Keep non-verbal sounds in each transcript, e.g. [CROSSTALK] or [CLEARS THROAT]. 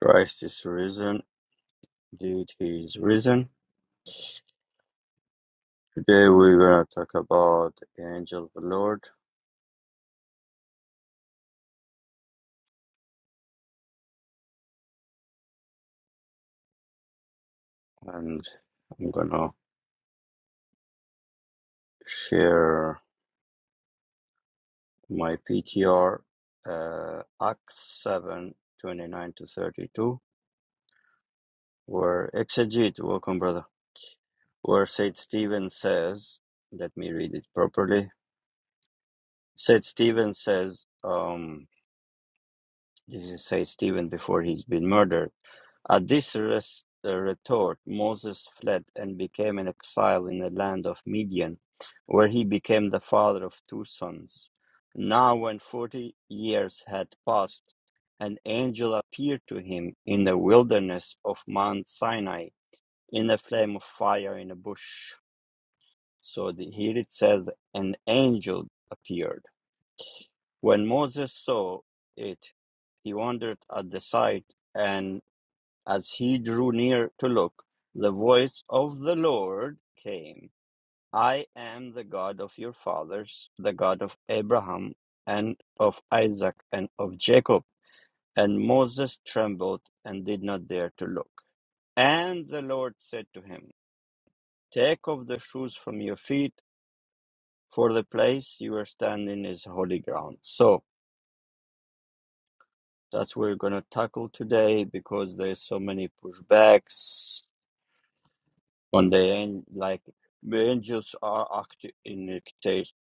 Christ is risen. Indeed, he is risen. Today we're gonna talk about the angel of the Lord, and I'm gonna share my PTR, uh, Acts seven twenty-nine to thirty-two, where exegete. Welcome, brother. Where Saint Stephen says, let me read it properly. Saint Stephen says, um, this is Saint Stephen before he's been murdered At this res- uh, retort, Moses fled and became an exile in the land of Midian, where he became the father of two sons. Now, when forty years had passed, an angel appeared to him in the wilderness of Mount Sinai in a flame of fire in a bush. So the, here it says, an angel appeared. When Moses saw it, he wondered at the sight and as he drew near to look, the voice of the Lord came I am the God of your fathers, the God of Abraham and of Isaac and of Jacob. And Moses trembled and did not dare to look. And the Lord said to him, Take off the shoes from your feet, for the place you are standing is holy ground. So that's what we're going to tackle today because there's so many pushbacks on the end like the angels are active in it case,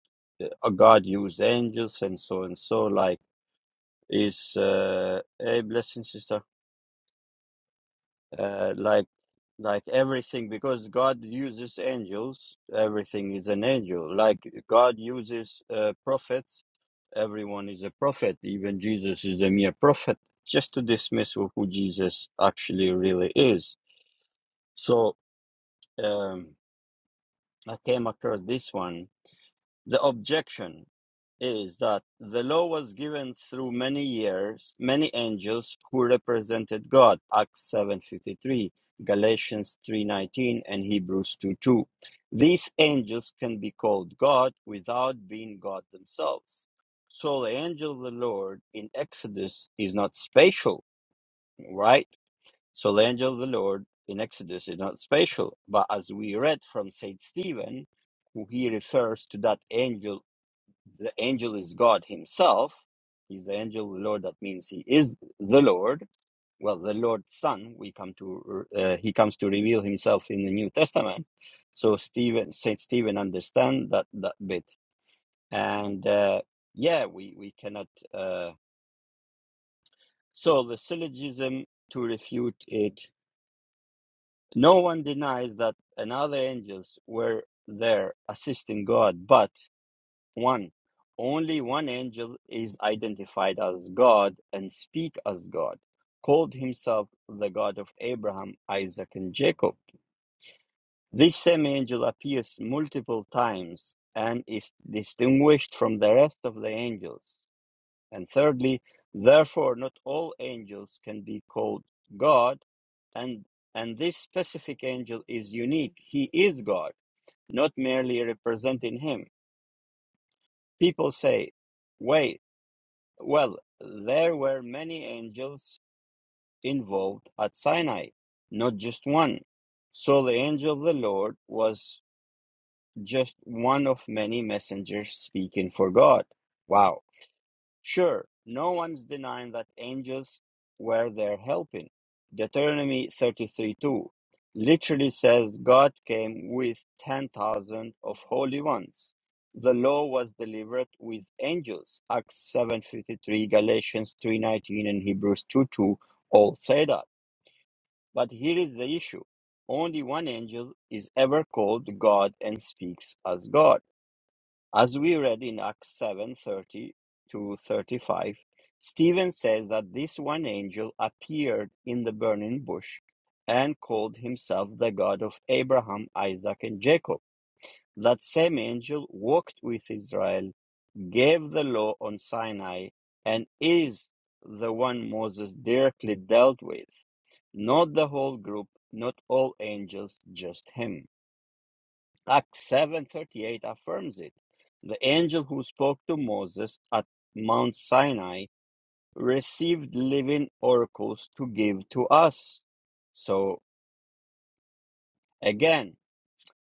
uh, god use angels and so and so like is uh a blessing sister uh like like everything because god uses angels everything is an angel like god uses uh, prophets everyone is a prophet even jesus is a mere prophet just to dismiss who who jesus actually really is so um i came across this one The objection is that the law was given through many years, many angels who represented God, Acts 7:53, Galatians 3:19, and Hebrews two two. These angels can be called God without being God themselves. So the angel of the Lord in Exodus is not spatial, right? So the angel of the Lord in Exodus is not spatial, but as we read from Saint Stephen, who he refers to that angel the angel is God himself. He's the angel of the Lord. That means he is the Lord. Well, the Lord's son. We come to uh, he comes to reveal himself in the New Testament. So Stephen, Saint Stephen, understand that that bit. And uh, yeah, we we cannot. Uh, so the syllogism to refute it. No one denies that another angels were there assisting God, but One, only one angel is identified as God and speak as God, called himself the God of Abraham, Isaac, and Jacob. This same angel appears multiple times and is distinguished from the rest of the angels. And thirdly, therefore, not all angels can be called God, and and this specific angel is unique. He is God, not merely representing him. People say, "Wait." Well, there were many angels involved at Sinai, not just one. So the angel of the Lord was just one of many messengers speaking for God. Wow. Sure, no one's denying that angels were there helping. Deuteronomy 33 2 literally says God came with 10,000 of holy ones. The law was delivered with angels. Acts 7.53, Galatians 3.19, and Hebrews 2.2 all say that. But here is the issue. Only one angel is ever called God and speaks as God. As we read in Acts 7:30 to 35, Stephen says that this one angel appeared in the burning bush and called himself the God of Abraham, Isaac, and Jacob. That same angel walked with Israel, gave the law on Sinai, and is the one Moses directly dealt with, not the whole group, not all angels, just him. Acts 7:38 affirms it. The angel who spoke to Moses at Mount Sinai received living oracles to give to us. So again,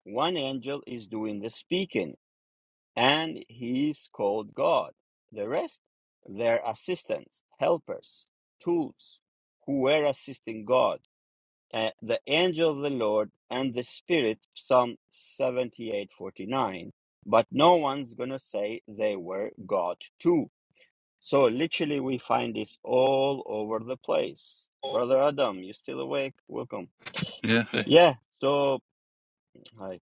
one angel is doing the speaking and he is called God. The rest, their assistants, helpers, tools who were assisting God uh, the angel of the Lord and the Spirit, Psalm 78 49. But no one's going to say they were God too. So literally, we find this all over the place. Brother Adam, you still awake? Welcome. Yeah. Yeah, so hi.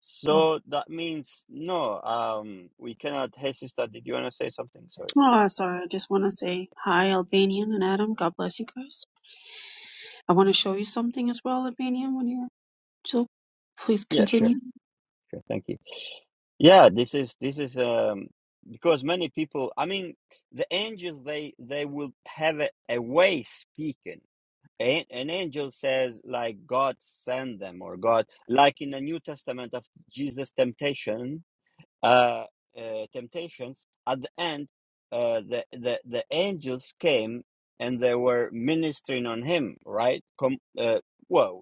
So that means no, um, we cannot. Hey, sister, did you want to say something? Sorry. Oh, sorry. I just want to say hi, Albanian and Adam. God bless you guys. I want to show you something as well, Albanian, when you're so please Yeah, sure, continue. sure. Thank you. Yeah, this is this is um because many people, I mean, the angels they they will have a, a way speaking. An, an angel says like God send them or God like in the New Testament of Jesus temptation uh, uh temptations at the end uh the the the angels came and they were ministering on him, right? Com- uh, whoa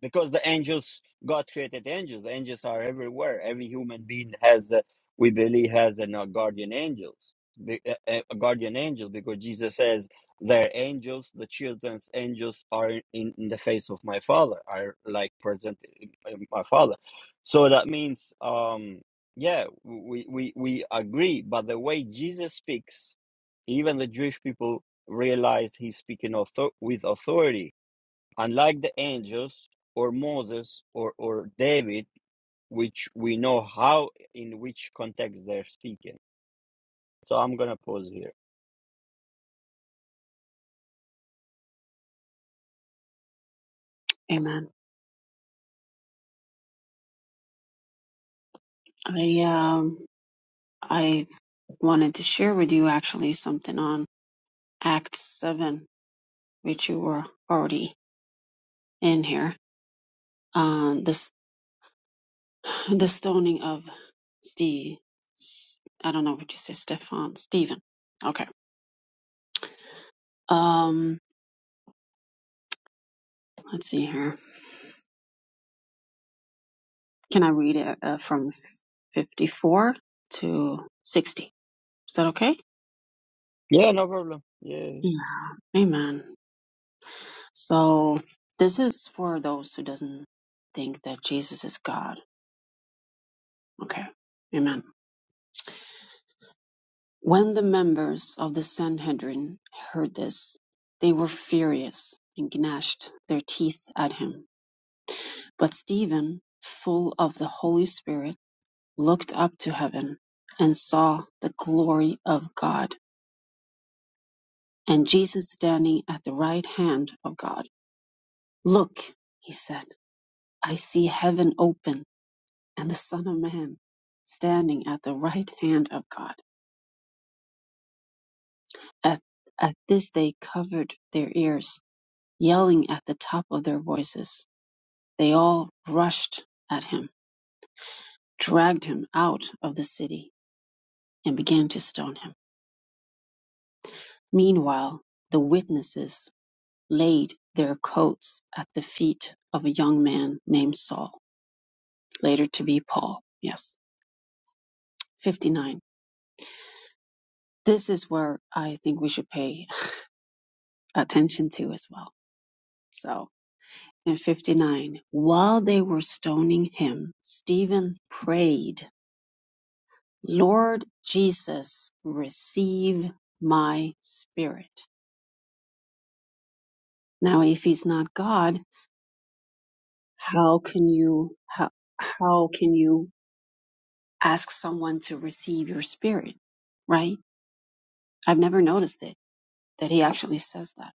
because the angels god created angels the angels are everywhere every human being has a, we believe has an, a guardian angels be- a, a- a guardian angel because jesus says their angels the children's angels are in, in the face of my father are like present in in my father so that means um yeah we we we agree but the way jesus speaks even the jewish people realized he's speaking author- with authority unlike the angels or Moses or, or David, which we know how in which context they're speaking. So I'm gonna pause here. Amen. I um I wanted to share with you actually something on Acts seven, which you were already in here. Um, this [SIGHS] the stoning of Steve. I don't know what you say, Stefan, Stephen. Okay. Um, let's see here. Can I read it uh, from 54 to 60? Is that okay? Yeah, no problem. Yes. Yeah. Amen. So this is for those who doesn't think that Jesus is God. Okay. Amen. When the members of the Sanhedrin heard this, they were furious and gnashed their teeth at him. But Stephen, full of the Holy Spirit, looked up to heaven and saw the glory of God and Jesus standing at the right hand of God. Look, he said, I see heaven open and the Son of Man standing at the right hand of God. At, at this they covered their ears, yelling at the top of their voices. They all rushed at him, dragged him out of the city, and began to stone him. Meanwhile, the witnesses laid their coats at the feet of a young man named Saul, later to be Paul. Yes 59. This is where I think we should pay attention to as well. So in 59, while they were stoning him, Stephen prayed, Lord Jesus, receive my spirit. Now, if he's not God, how can you, how, how can you ask someone to receive your spirit? Right? I've never noticed it that he actually says that.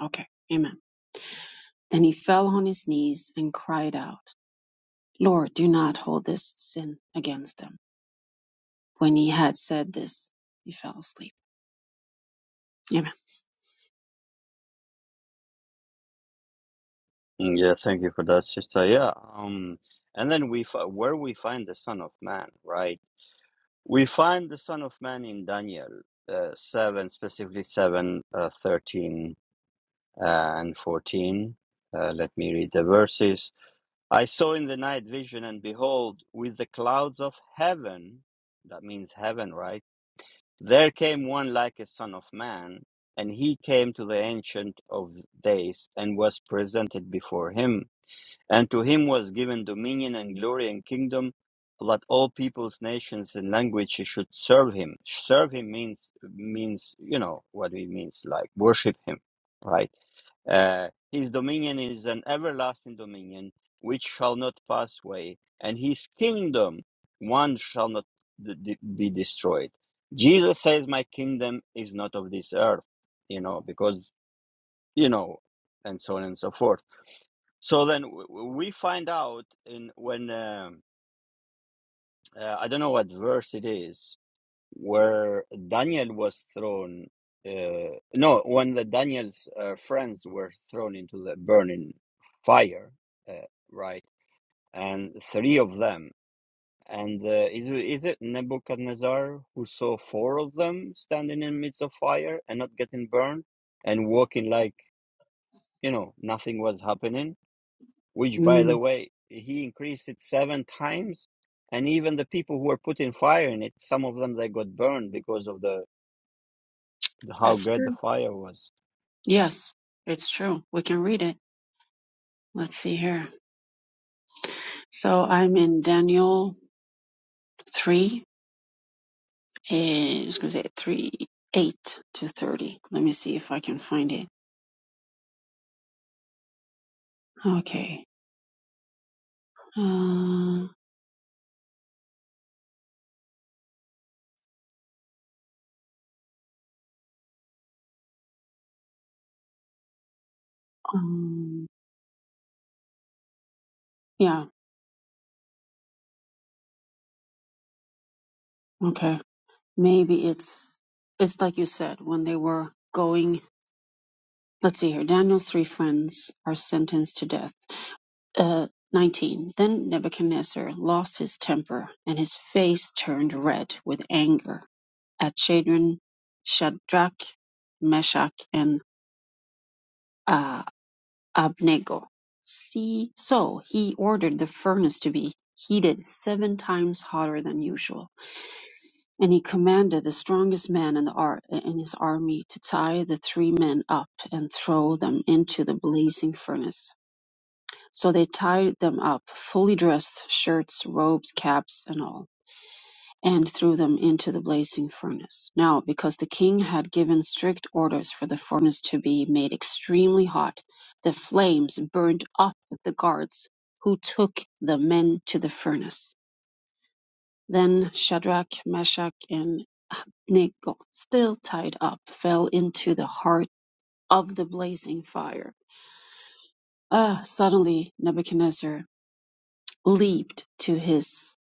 Okay. Amen. Then he fell on his knees and cried out. Lord, do not hold this sin against them. When he had said this, he fell asleep. Amen. Yeah, thank you for that, sister. Yeah. Um, and then we fi- where we find the Son of Man, right? We find the Son of Man in Daniel uh, seven, specifically seven, uh, thirteen uh, and fourteen. Uh, let me read the verses. I saw in the night vision, and behold, with the clouds of heaven, that means heaven, right? There came one like a son of man, and he came to the Ancient of Days and was presented before him. And to him was given dominion and glory and kingdom, so that all peoples, nations, and languages should serve him. Serve him means means you know what it means, like worship him, right? Uh, his dominion is an everlasting dominion which shall not pass away, and his kingdom one shall not d- d- be destroyed. Jesus says, "My kingdom is not of this earth," you know, because you know, and so on and so forth so then w- w- we find out in when um, uh, I don't know what verse it is where Daniel was thrown. Uh, no, when the Daniel's uh, friends were thrown into the burning fire, uh, right? And three of them. And uh, is it- is it Nebuchadnezzar who saw four of them standing in midst of fire and not getting burned and walking like you know nothing was happening? which by the Mm, way he increased it seven times and even the people who were putting fire in it some of them they got burned because of the, the how that's great the true. fire was Yes, it's true. We can read it. Let's see here. So I'm in Daniel 3, and I was going to say 3, 8 to 30. Let me see if I can find it. Okay. Uh, um, yeah, okay. Maybe it's, it's like you said, when they were going, let's see here. Daniel's three friends are sentenced to death. Uh, 19. Then Nebuchadnezzar lost his temper, and his face turned red with anger at Shadrach, Shadrach Meshach, and uh, Abednego. See, so he ordered the furnace to be heated seven times hotter than usual, and he commanded the strongest man in, the ar- in his army to tie the three men up and throw them into the blazing furnace. So they tied them up, fully dressed, shirts, robes, caps, and all, and threw them into the blazing furnace. Now, because the king had given strict orders for the furnace to be made extremely hot, the flames burned up the guards who took the men to the furnace. Then Shadrach, Meshach, and Abednego, still tied up, fell into the heart of the blazing fire. Ah, suddenly Nebuchadnezzar leaped to his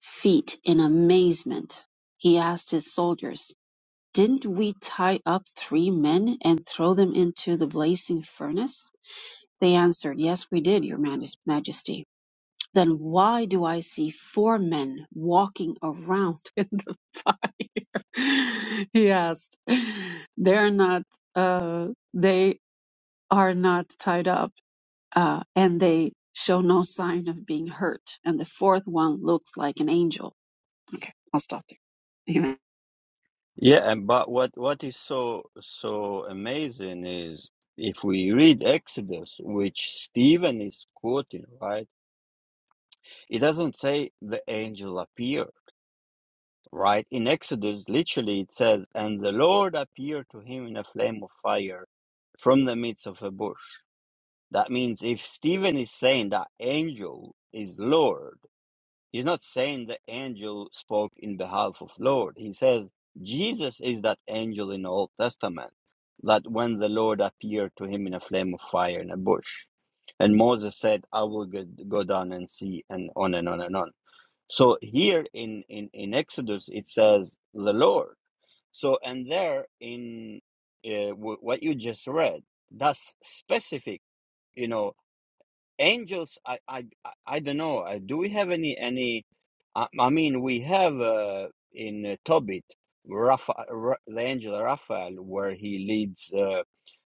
feet in amazement. He asked his soldiers, Didn't we tie up three men and throw them into the blazing furnace? They answered, Yes, we did, Your Majesty. Then why do I see four men walking around [LAUGHS] in the fire? [LAUGHS] he asked. They're not, uh, they are not tied up, uh, and they show no sign of being hurt. And the fourth one looks like an angel. Okay, I'll stop there. Amen. yeah and but what what is so so amazing is if we read exodus which stephen is quoting right it doesn't say the angel appeared right in exodus literally it says and the lord appeared to him in a flame of fire from the midst of a bush That means if Stephen is saying that angel is Lord, he's not saying the angel spoke in behalf of Lord. He says Jesus is that angel in the Old Testament, that when the Lord appeared to him in a flame of fire in a bush. And Moses said, I will go, go down and see, and on and on and on. So here in, in, in Exodus, it says the Lord. So, and there in uh, w- what you just read, that's specific, you know, angels i i i I don't know uh, do we have any any i, I mean we have uh, in uh, tobit Rapha, Ra, the angel raphael where he leads uh,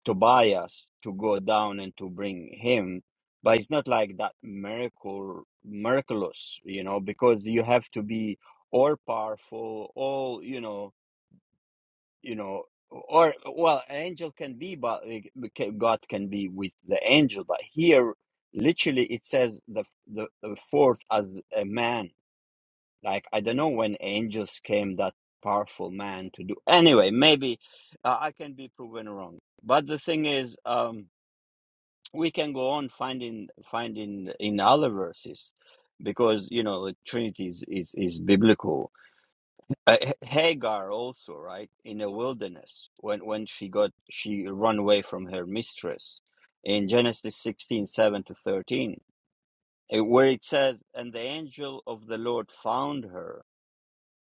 tobias to go down and to bring him but it's not like that miracle miraculous you know because you have to be all powerful all you know you know or well angel can be but like, ca- god can be with the angel but here literally it says the the, the fourth as a man like i don't know when angels came that powerful man to do anyway maybe uh, i can be proven wrong but the thing is um we can go on finding finding in other verses because you know the trinity is is, is biblical uh, H- Hagar also, right, in a wilderness when when she got she run away from her mistress in Genesis sixteen seven to thirteen, eh, where it says, "And the angel of the Lord found her,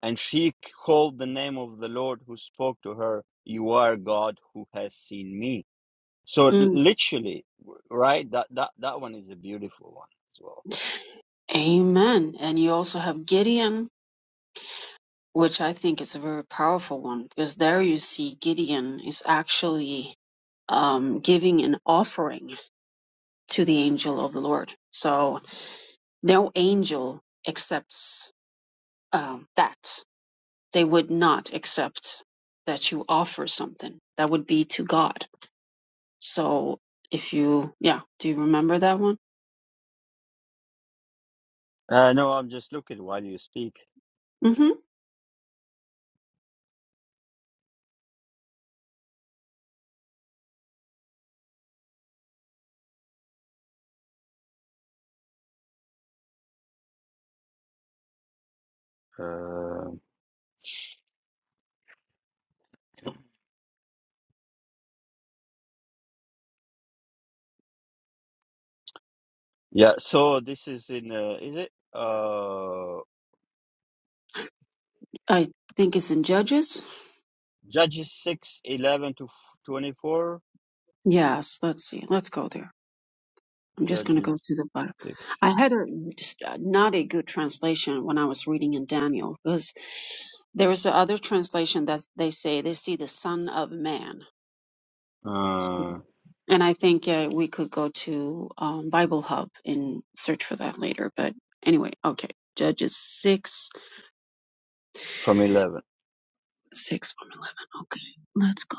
and she called the name of the Lord who spoke to her, You are God who has seen me." So l- Mm, literally, w- right, that that that one is a beautiful one as well. amen. And you also have Gideon, which I think is a very powerful one because there you see Gideon is actually um, giving an offering to the angel of the Lord. So no angel accepts um, that. They would not accept that you offer something. That would be to God. So if you, yeah, do you remember that one? Uh, no, I'm just looking while you speak. hmm Uh, Yeah, so this is in uh, is it uh I think it's in Judges. Judges 6 11 to 24? Yes, let's see. Let's go there. I'm just going to Judges go to the Bible. 6 I had a just, uh, not a good translation when I was reading in Daniel because there is a other translation that they say they see the Son of Man, uh and I think uh, we could go to um, Bible Hub and search for that later. But anyway, okay. Judges six from 11. six from eleven. Okay, let's go.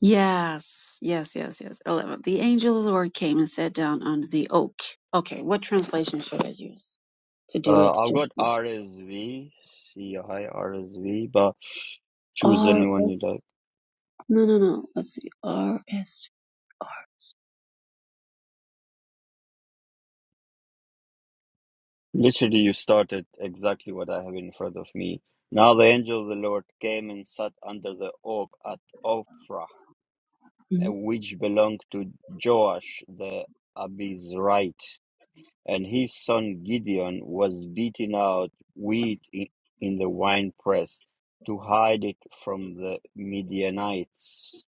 Yes, yes, yes, yes. 11. The angel of the Lord came and sat down under the oak. Okay, what translation should I use to do Uh it I've got justice? RSV, see hi RSV, but choose anyone you like. RS. No, no, no. Let's see. RS. Literally you started exactly what I have in front of me. Now the angel of the Lord came and sat under the oak at Ophrah, uh, Mhm. which belonged to Joash the Abizrite and his son Gideon was beating out wheat in the winepress to hide it from the Midianites.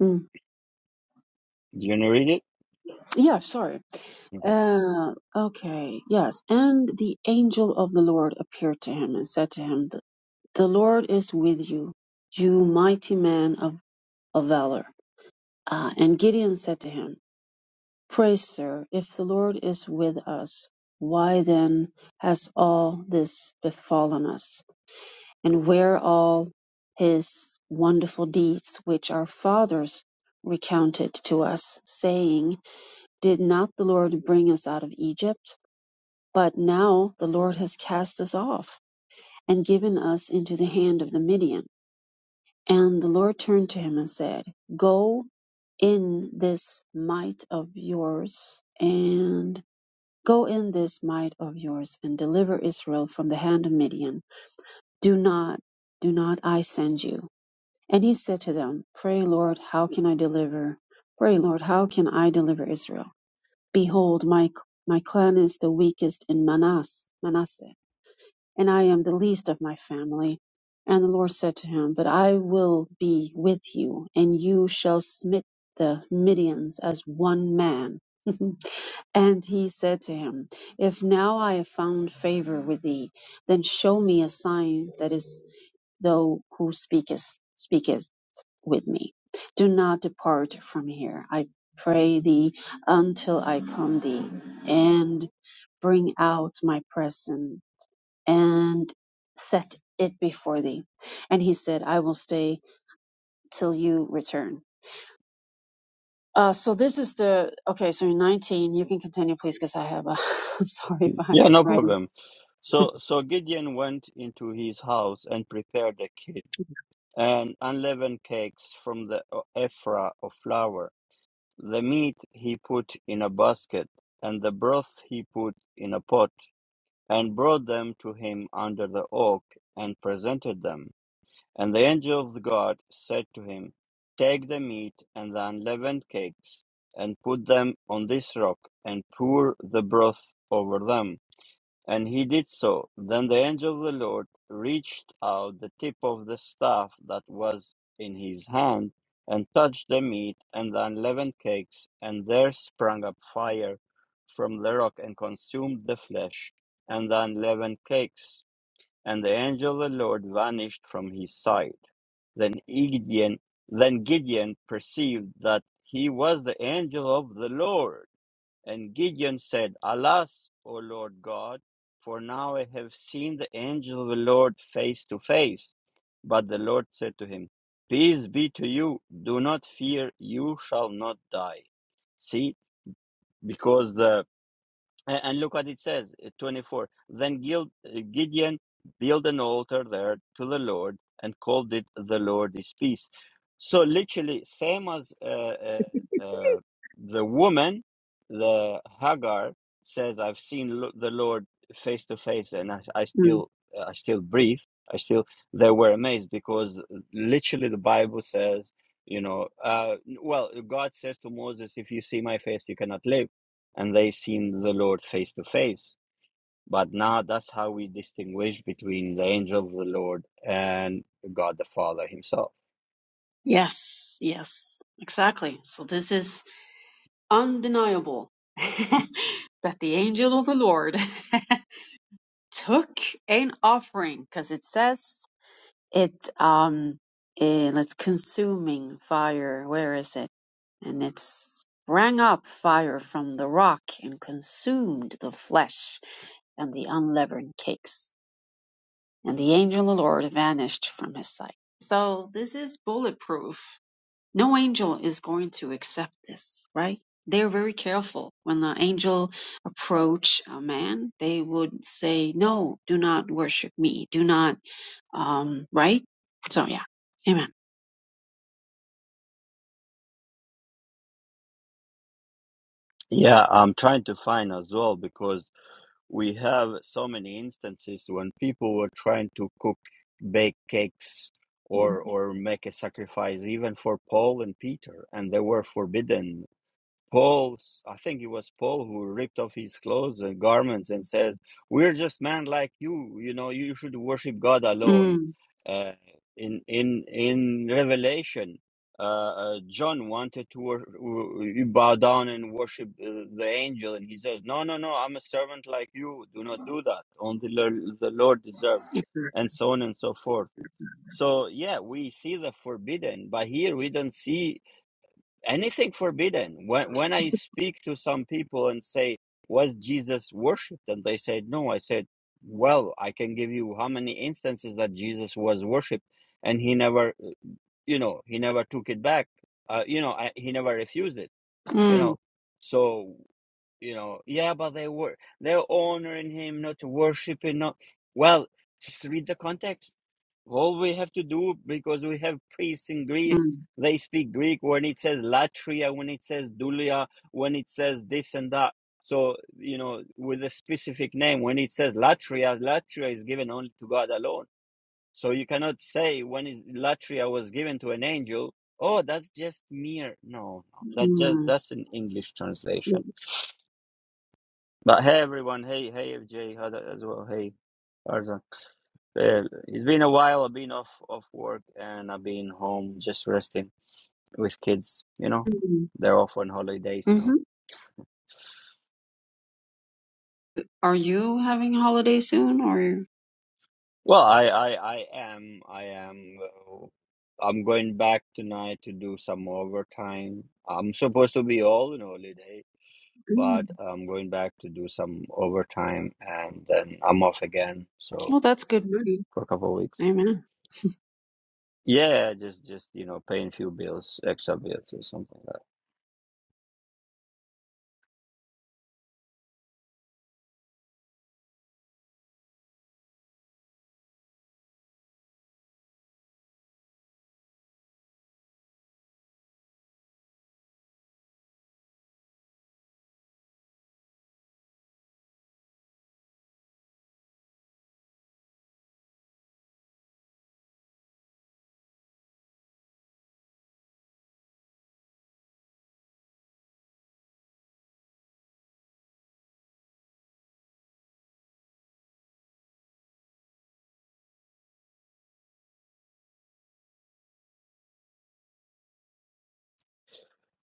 Mhm. Do you wanna read it? Yeah, sorry. Okay. Uh, okay, yes. And the angel of the Lord appeared to him and said to him, The, the Lord is with you, you mighty man of, of valor. Uh, and Gideon said to him, Praise, sir, if the Lord is with us, why then has all this befallen us? And where all his wonderful deeds which our fathers recounted to us, saying, Did not the Lord bring us out of Egypt? But now the Lord has cast us off and given us into the hand of the Midian. And the Lord turned to him and said, Go in this might of yours and go in this might of yours and deliver Israel from the hand of Midian. Do not, do not I send you. And he said to them, Pray, Lord, how can I deliver? Pray, Lord, how can I deliver Israel? Behold, my my clan is the weakest in Manas, Manasseh and I am the least of my family. And the Lord said to him, But I will be with you, and you shall smite the Midians as one man. [LAUGHS] and he said to him, If now I have found favor with thee, then show me a sign that is thou who speakest speakest with me. Do not depart from here, I pray thee, until I come thee, and bring out my present and set it before thee. And he said, I will stay till you return. Uh, so this is the okay. So in nineteen, you can continue, please, because I have. A, [LAUGHS] I'm sorry if Yeah, I'm no writing. problem. So, so Gideon went into his house and prepared a kid and unleavened cakes from the o- ephah of flour. The meat he put in a basket, and the broth he put in a pot, and brought them to him under the oak, and presented them. And the angel of the God said to him, Take the meat and the unleavened cakes, and put them on this rock, and pour the broth over them. And he did so. Then the angel of the Lord reached out the tip of the staff that was in his hand, and touched the meat and the unleavened cakes, and there sprang up fire from the rock and consumed the flesh and the unleavened cakes and the angel of the Lord vanished from his sight. Then Gideon, then Gideon perceived that he was the angel of the Lord, and Gideon said, "Alas, O Lord God, for now I have seen the angel of the Lord face to face." But the Lord said to him, "Peace be to you. Do not fear. You shall not die." See, because the a- And look what it says, uh, 24. Then Gil- uh, Gideon built an altar there to the Lord and called it the Lord is peace. So literally, same as uh, uh, uh, the woman, the Hagar says, "I've seen lo- the Lord face to face, and I, I Mm. still, I still breathe. I still." They were amazed because literally the Bible says, you know, uh, well, God says to Moses, "If you see my face, you cannot live." and they seen the Lord face to face. But now that's how we distinguish between the angel of the Lord and God the Father Himself. Yes, yes, exactly. So this is undeniable [LAUGHS] that the angel of the Lord [LAUGHS] took an offering, because it says It um eh, it's consuming fire. Where is it? And it sprang up fire from the rock and consumed the flesh and the unleavened cakes. And the angel of the Lord vanished from his sight. So this is bulletproof. No angel is going to accept this, right? They're very careful. When the angel approach a man, they would say, no, do not worship me. Do not um, right? So yeah. Amen. Yeah, I'm trying to find as well because we have so many instances when people were trying to cook, bake cakes, or or make a sacrifice even for Paul and Peter, and they were forbidden Paul, I think it was Paul who ripped off his clothes and garments and said, "We're just men like you. You know, you should worship God alone." Mm. Uh, in in in Revelation, uh, uh, John wanted to wor- w- bow down and worship uh, the angel, and he says, "No, no, no. I'm a servant like you. Do not do that. Only the the Lord deserves," Yes, sir. and so on and so forth. So yeah, we see the forbidden, but here we don't see anything forbidden. When when I speak to some people and say, "Was Jesus worshipped, and they said, "No," I said, "Well, I can give you how many instances that Jesus was worshipped, and he never, you know, he never took it back. Uh, you know, I, he never refused it. You Mm. know, so." you know, yeah, but they were they're honoring him, not worshiping, not well, just read the context. All we have to do because we have priests in Greece, Mm. they speak Greek when it says latria, when it says dulia, when it says this and that. So, you know, with a specific name, when it says latria, latria is given only to God alone. So you cannot say when is latria was given to an angel, oh, that's just mere. No, no, that just Mm. that's an English translation but hey, everyone. Hey, hey, FJ, Hada as well. Hey, Arzan. Uh, it's been a while. I've been off off work and I've been home just resting with kids. You know, Mm. they're off on holidays now. Mm-hmm. Are you having a holiday soon or you Well, I, I, I am. I am. uh, I'm going back tonight to do some overtime. I'm supposed to be all on holiday, mm. but I'm going back to do some overtime and then I'm off again. So Well, that's good money. for a couple of weeks. Amen. Yeah, just just you know, paying few bills, extra bills or something like that.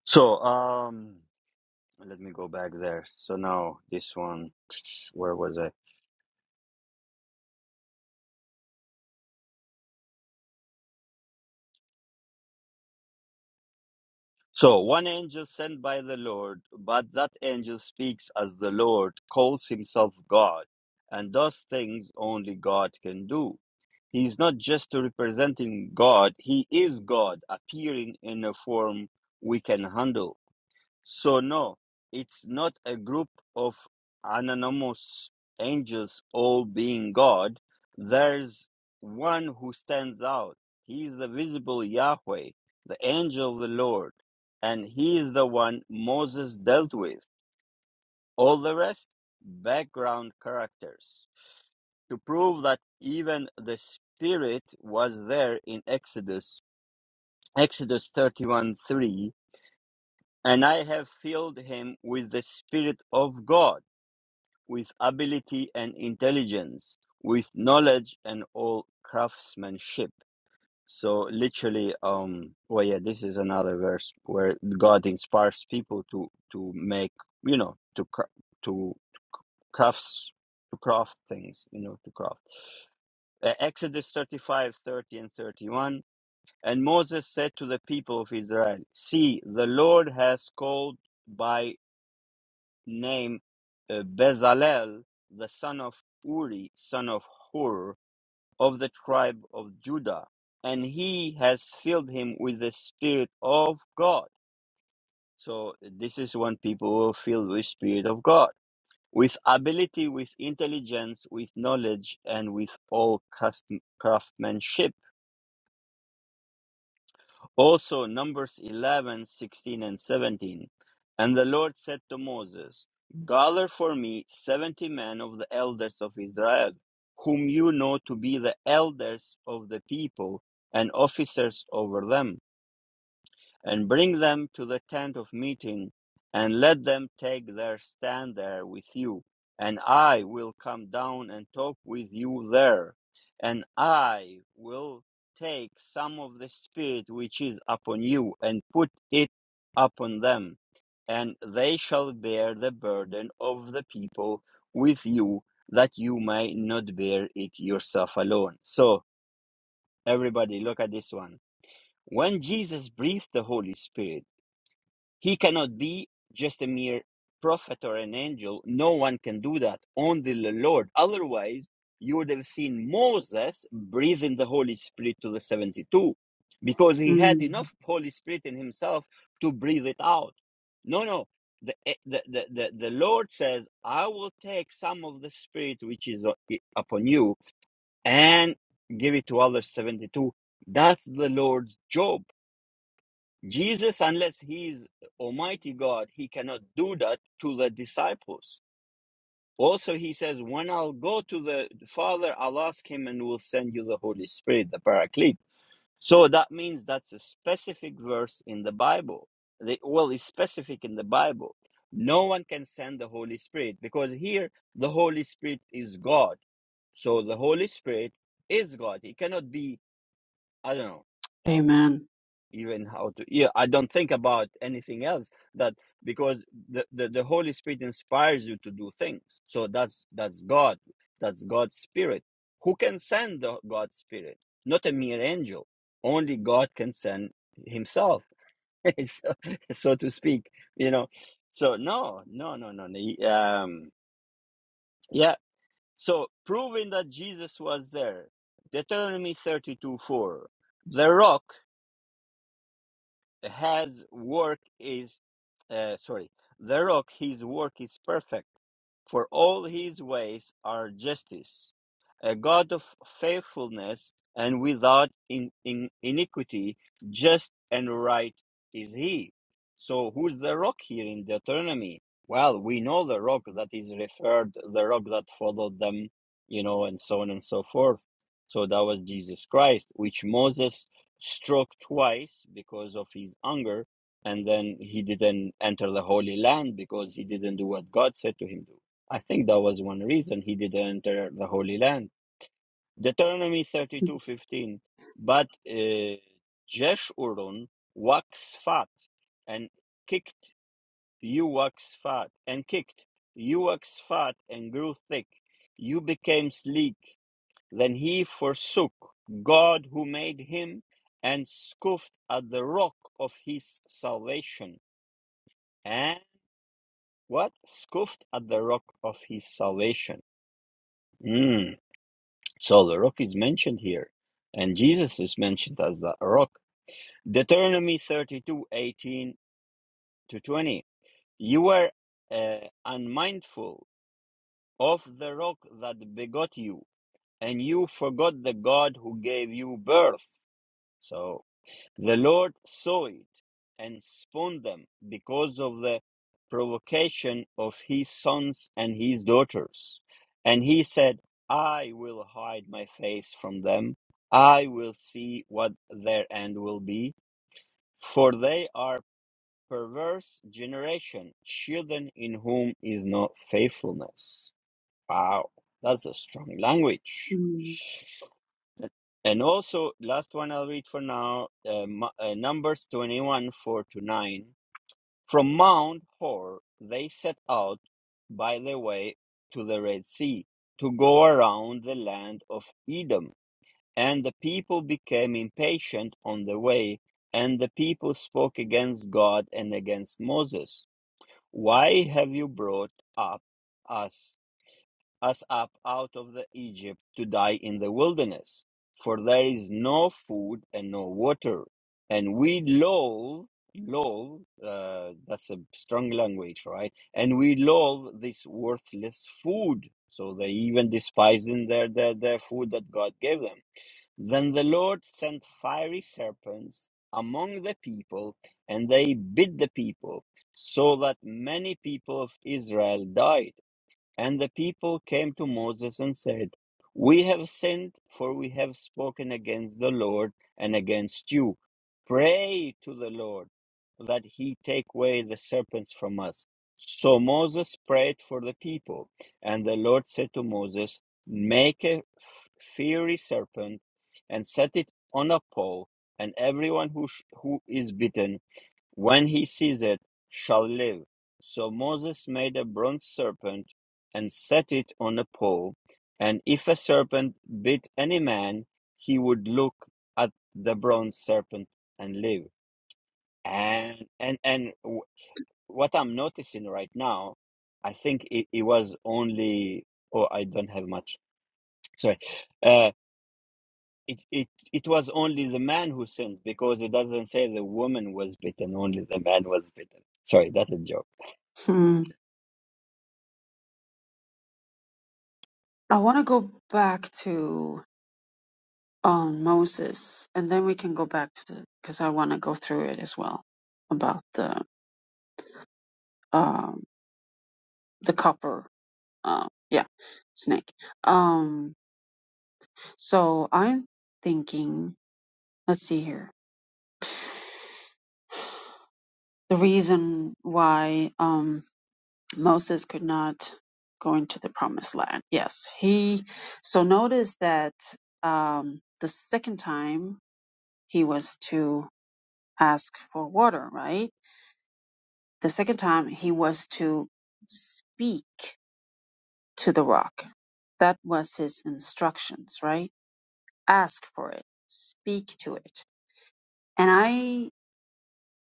So um let me go back there. So now this one where was I? So one angel sent by the Lord, but that angel speaks as the Lord, calls himself God, and does things only God can do. He is not just representing God, he is God, appearing in a form we can handle. So no, it's not a group of anonymous angels all being God. There's one who stands out. He is the visible Yahweh, the angel of the Lord, and he is the one Moses dealt with. All the rest, background characters. To prove that even the Spirit was there in Exodus, Exodus 31 3, and I have filled him with the Spirit of God, with ability and intelligence, with knowledge and all craftsmanship. So literally, um, well, yeah, this is another verse where God inspires people to to make, you know, to cra- to crafts to craft things, you know, to craft. Uh, Exodus 35 30 and 31. And Moses said to the people of Israel, See, the Lord has called by name uh, Bezalel, the son of Uri, son of Hur, of the tribe of Judah, and he has filled him with the Spirit of God. So this is when people are filled with Spirit of God, with ability, with intelligence, with knowledge, and with all custom, craftsmanship Also, Numbers 11, 16, and 17. And the Lord said to Moses, Gather for me seventy men of the elders of Israel, whom you know to be the elders of the people and officers over them and bring them to the tent of meeting, and let them take their stand there with you. And I will come down and talk with you there, and I will take some of the Spirit which is upon you, and put it upon them, and they shall bear the burden of the people with you, that you may not bear it yourself alone. So, everybody, look at this one. When Jesus breathed the Holy Spirit, he cannot be just a mere prophet or an angel. No one can do that. Only the Lord. Otherwise, you would have seen Moses breathe in the Holy Spirit to the 72 because he had Mm. enough Holy Spirit in himself to breathe it out. No, no. The, eh, the, the, the, the Lord says, I will take some of the Spirit which is upon you and give it to others 72. That's the Lord's job Jesus, unless he is Almighty God, he cannot do that to the disciples. Also, he says, When I'll go to the Father, I'll ask him and will send you the Holy Spirit, the Paraclete. So that means that's a specific verse in the Bible. The, well, it's specific in the Bible. No one can send the Holy Spirit because here the Holy Spirit is God. So the Holy Spirit is God. He cannot be, I don't know, Amen. even how to yeah i don't think about anything else that because the, the the holy spirit inspires you to do things so that's that's god that's god's spirit who can send the god's spirit not a mere angel only god can send himself [LAUGHS] so, so to speak you know so no no no no no, um yeah so proving that jesus was there deuteronomy 32 4 the rock His work is, uh, sorry, the rock, his work is perfect, for all his ways are justice. A God of faithfulness and without in, in iniquity, just and right is he. So, who's the rock here in Deuteronomy? Well, we know the rock that is referred, the rock that followed them, you know, and so on and so forth. So, that was Jesus Christ, which Moses struck twice because of his anger, and then he didn't enter the Holy Land because he didn't do what God said to him to. do. I think that was one reason he didn't enter the Holy Land. Deuteronomy thirty-two fifteen. But uh, Jeshurun wax fat and kicked, you wax fat, and kicked, you wax fat and grew thick. You became sleek. Then he forsook God who made him and scoffed at the rock of his salvation. And what? Scoffed at the rock of his salvation. Mm. So the rock is mentioned here. And Jesus is mentioned as the rock. Deuteronomy thirty-two eighteen to 20. You were uh, unmindful of the rock that begot you, and you forgot the God who gave you birth. So The Lord saw it and scorned them because of the provocation of his sons and his daughters. And he said, I will hide my face from them. I will see what their end will be, for they are perverse generation, children in whom is no faithfulness. Wow, that's a strong language. And also, last one I'll read for now, uh, Mu- uh, Numbers 21, 4 to 9. From Mount Hor, they set out by the way to the Red Sea to go around the land of Edom. And the people became impatient on the way, and the people spoke against God and against Moses. Why have you brought up us us up out of the Egypt to die in the wilderness, for there is no food and no water, and we loathe, loathe. Uh, that's a strong language, right? And we loathe this worthless food. So they even despised in their, their their food that God gave them. Then the Lord sent fiery serpents among the people, and they bit the people, so that many people of Israel died and the people came to Moses and said, We have sinned, for we have spoken against the Lord and against you. Pray to the Lord that he take away the serpents from us. So Moses prayed for the people. And the Lord said to Moses, Make a fiery serpent and set it on a pole, and everyone who, sh- who is bitten when he sees it, shall live. So Moses made a bronze serpent and set it on a pole, and if a serpent bit any man, he would look at the bronze serpent and live. And and and w- what I'm noticing right now, I think it, it was only. Oh, I don't have much. Sorry. Uh, it, it it was only the man who sinned because it doesn't say the woman was bitten. Only the man was bitten. Sorry, that's a joke. Mm. I want to go back to um, Moses, and then we can go back to the because I want to go through it as well about the um, the copper, uh, yeah, snake. Um, so I'm thinking, let's see here, the reason why um, Moses could not go into the promised land. Yes, he. So notice that um, the second time he was to ask for water, right? The second time he was to speak to the rock. That was his instructions, right? Ask for it, speak to it. And I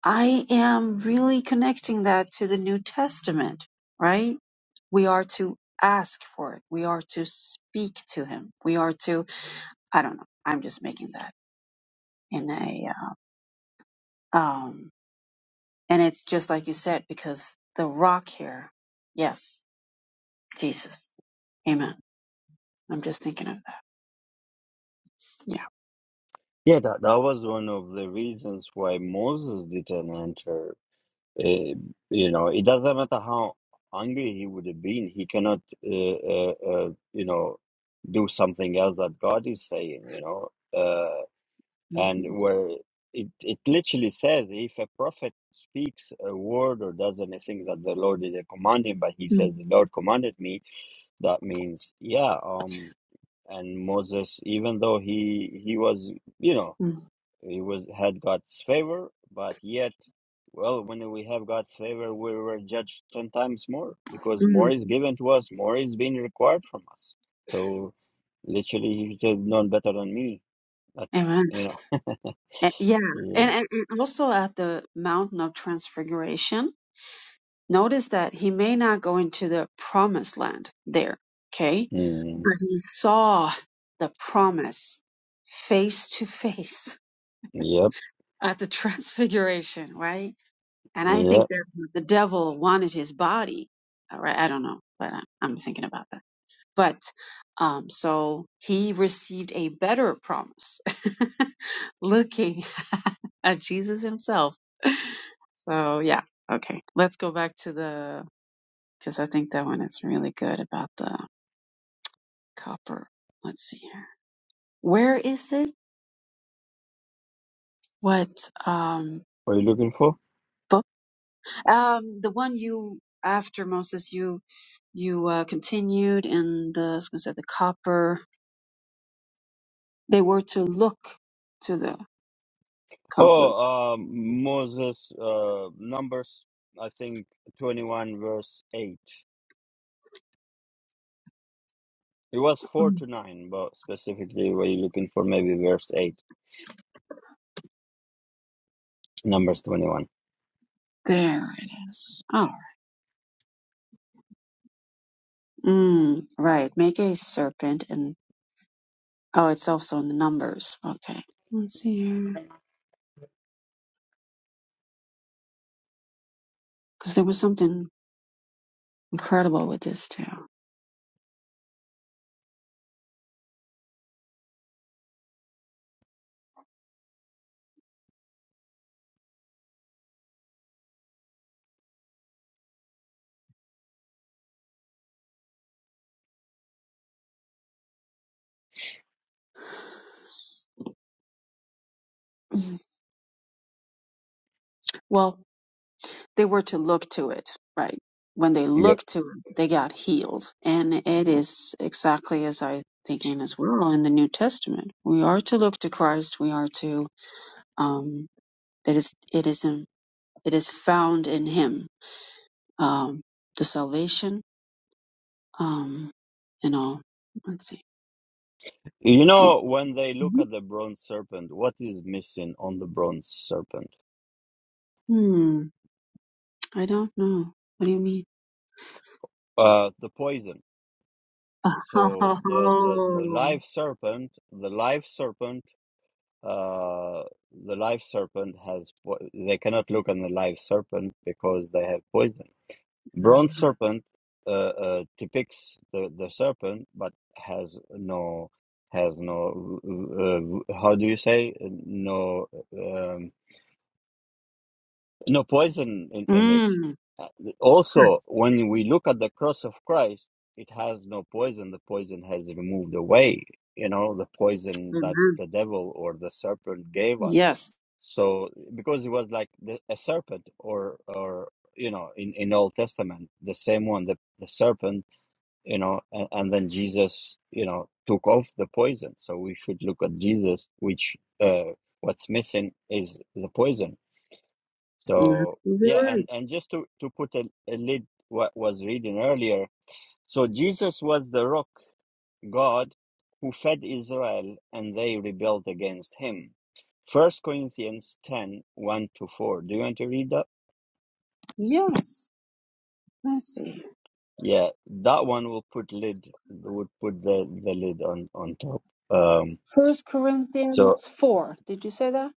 I am really connecting that to the New Testament, right? We are to ask for it. We are to speak to him. We are to I don't know. I'm just making that in a uh, um and it's just like you said because the rock here, yes, Jesus. Amen. I'm just thinking of that. Yeah. Yeah, that, that was one of the reasons why Moses didn't enter. Uh, you know, it doesn't matter how angry he would have been, he cannot, uh, uh, uh, you know, do something else that God is saying, you know. Uh, and Mhm. where it, it literally says if a prophet speaks a word or does anything that the Lord didn't command him, but he mm says, The Lord commanded me, that means, yeah, um, and Moses, even though he he was, you know, mm he was had God's favor, but yet, well, when we have God's favor, we were judged ten times more because more mm. is given to us, more is being required from us. So, literally, you should have known better than me. But Amen. you know, Eh, Yeah. And, yeah, and, and also at the mountain of transfiguration, notice that he may not go into the promised land there. Okay. mm, But he saw the promise face to face yep, [LAUGHS] at the transfiguration, right? And I yeah. think that's what the devil wanted his body. All right. I don't know, but I- I'm thinking about that. But um, so he received a better promise. [LAUGHS] looking [LAUGHS] at Jesus himself. So, yeah. Okay. Let's go back to the, because I think that one is really good about the copper. Let's see here. Where is it? What um, What are you looking for? book? Um, the one you, after Moses, you, you uh, continued in the, I was going to say the copper. They were to look to the copper. Oh, um, Moses, uh, Numbers, I think twenty-one, verse eight. It was four Mm. to nine, but specifically, what are you looking for? Maybe verse eight, Numbers twenty-one. There it is. Oh, mm, right. Make a serpent and. Oh, it's also in the numbers. Okay. Let's see here. Because there was something incredible with this too. Mhm. Well, they were to look to it, right? When they Yep. looked to it, they got healed. And it is exactly as I thinking as well in the New Testament. We are to look to Christ. We are to, um, that is it is in, it is found in him um the salvation um and all let's see You No. know, when they look at the bronze serpent, what is missing on the bronze serpent? hmm i don't know what do you mean Uh, the poison. [LAUGHS] So the the the oh live serpent, the live serpent, uh, the live serpent has. Po- they cannot look on the live serpent because they have poison. Bronze serpent uh, uh, depicts the the serpent, but has no has no uh, uh, how do you say no. um, no poison in, in it. mm, Uh, Also, yes when we look at the cross of Christ, it has no poison. The poison has removed away, you know, the poison that amen the devil or the serpent gave us. yes So, because it was like the, a serpent or, or, you know, in, in Old Testament, the same one, the, the serpent, you know, and, and then Jesus, you know, took off the poison. So we should look at Jesus, which, uh, what's missing is the poison That's so the yeah, and word. and just to to put a, a lid what was reading earlier. So Jesus was the rock God who fed Israel, and they rebelled against him. First Corinthians ten one to four. Do you want to read that? yes let's see Yeah, that one will put lid would put the the lid on on top. Um, first so corinthians 4 did you say that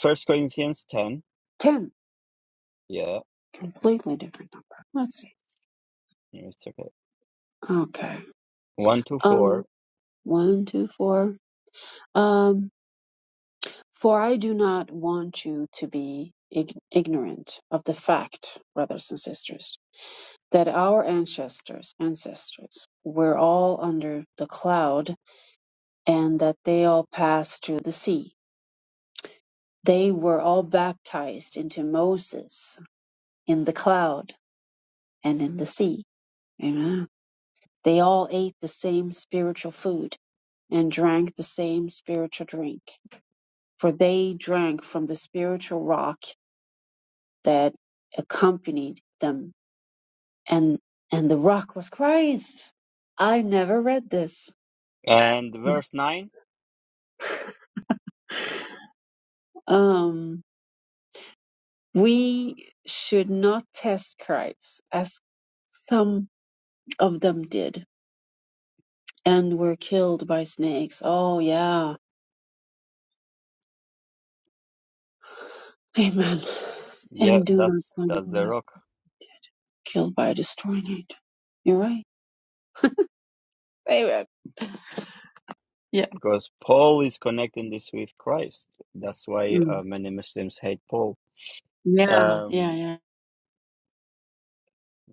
First Corinthians ten. 10 Yeah, completely different number let's see it's okay. okay One to um four one two four um For I do not want you to be ig- ignorant of the fact, brothers and sisters, that our ancestors, ancestors were all under the cloud and that they all passed through the sea. They were all baptized into Moses in the cloud and in the sea. Amen. They all ate the same spiritual food and drank the same spiritual drink, for they drank from the spiritual rock that accompanied them and and the rock was Christ. I never read this. and verse nine. Um, we should not test Christ as some of them did and were killed by snakes. Oh yeah, amen. Yeah, And do not that's that's the grumble rock. as they did, killed by a destroying angel. You're right. Amen. Yeah. because Paul is connecting this with Christ. That's why Mm. uh, many Muslims hate Paul. Yeah. Yeah. Um, Yeah.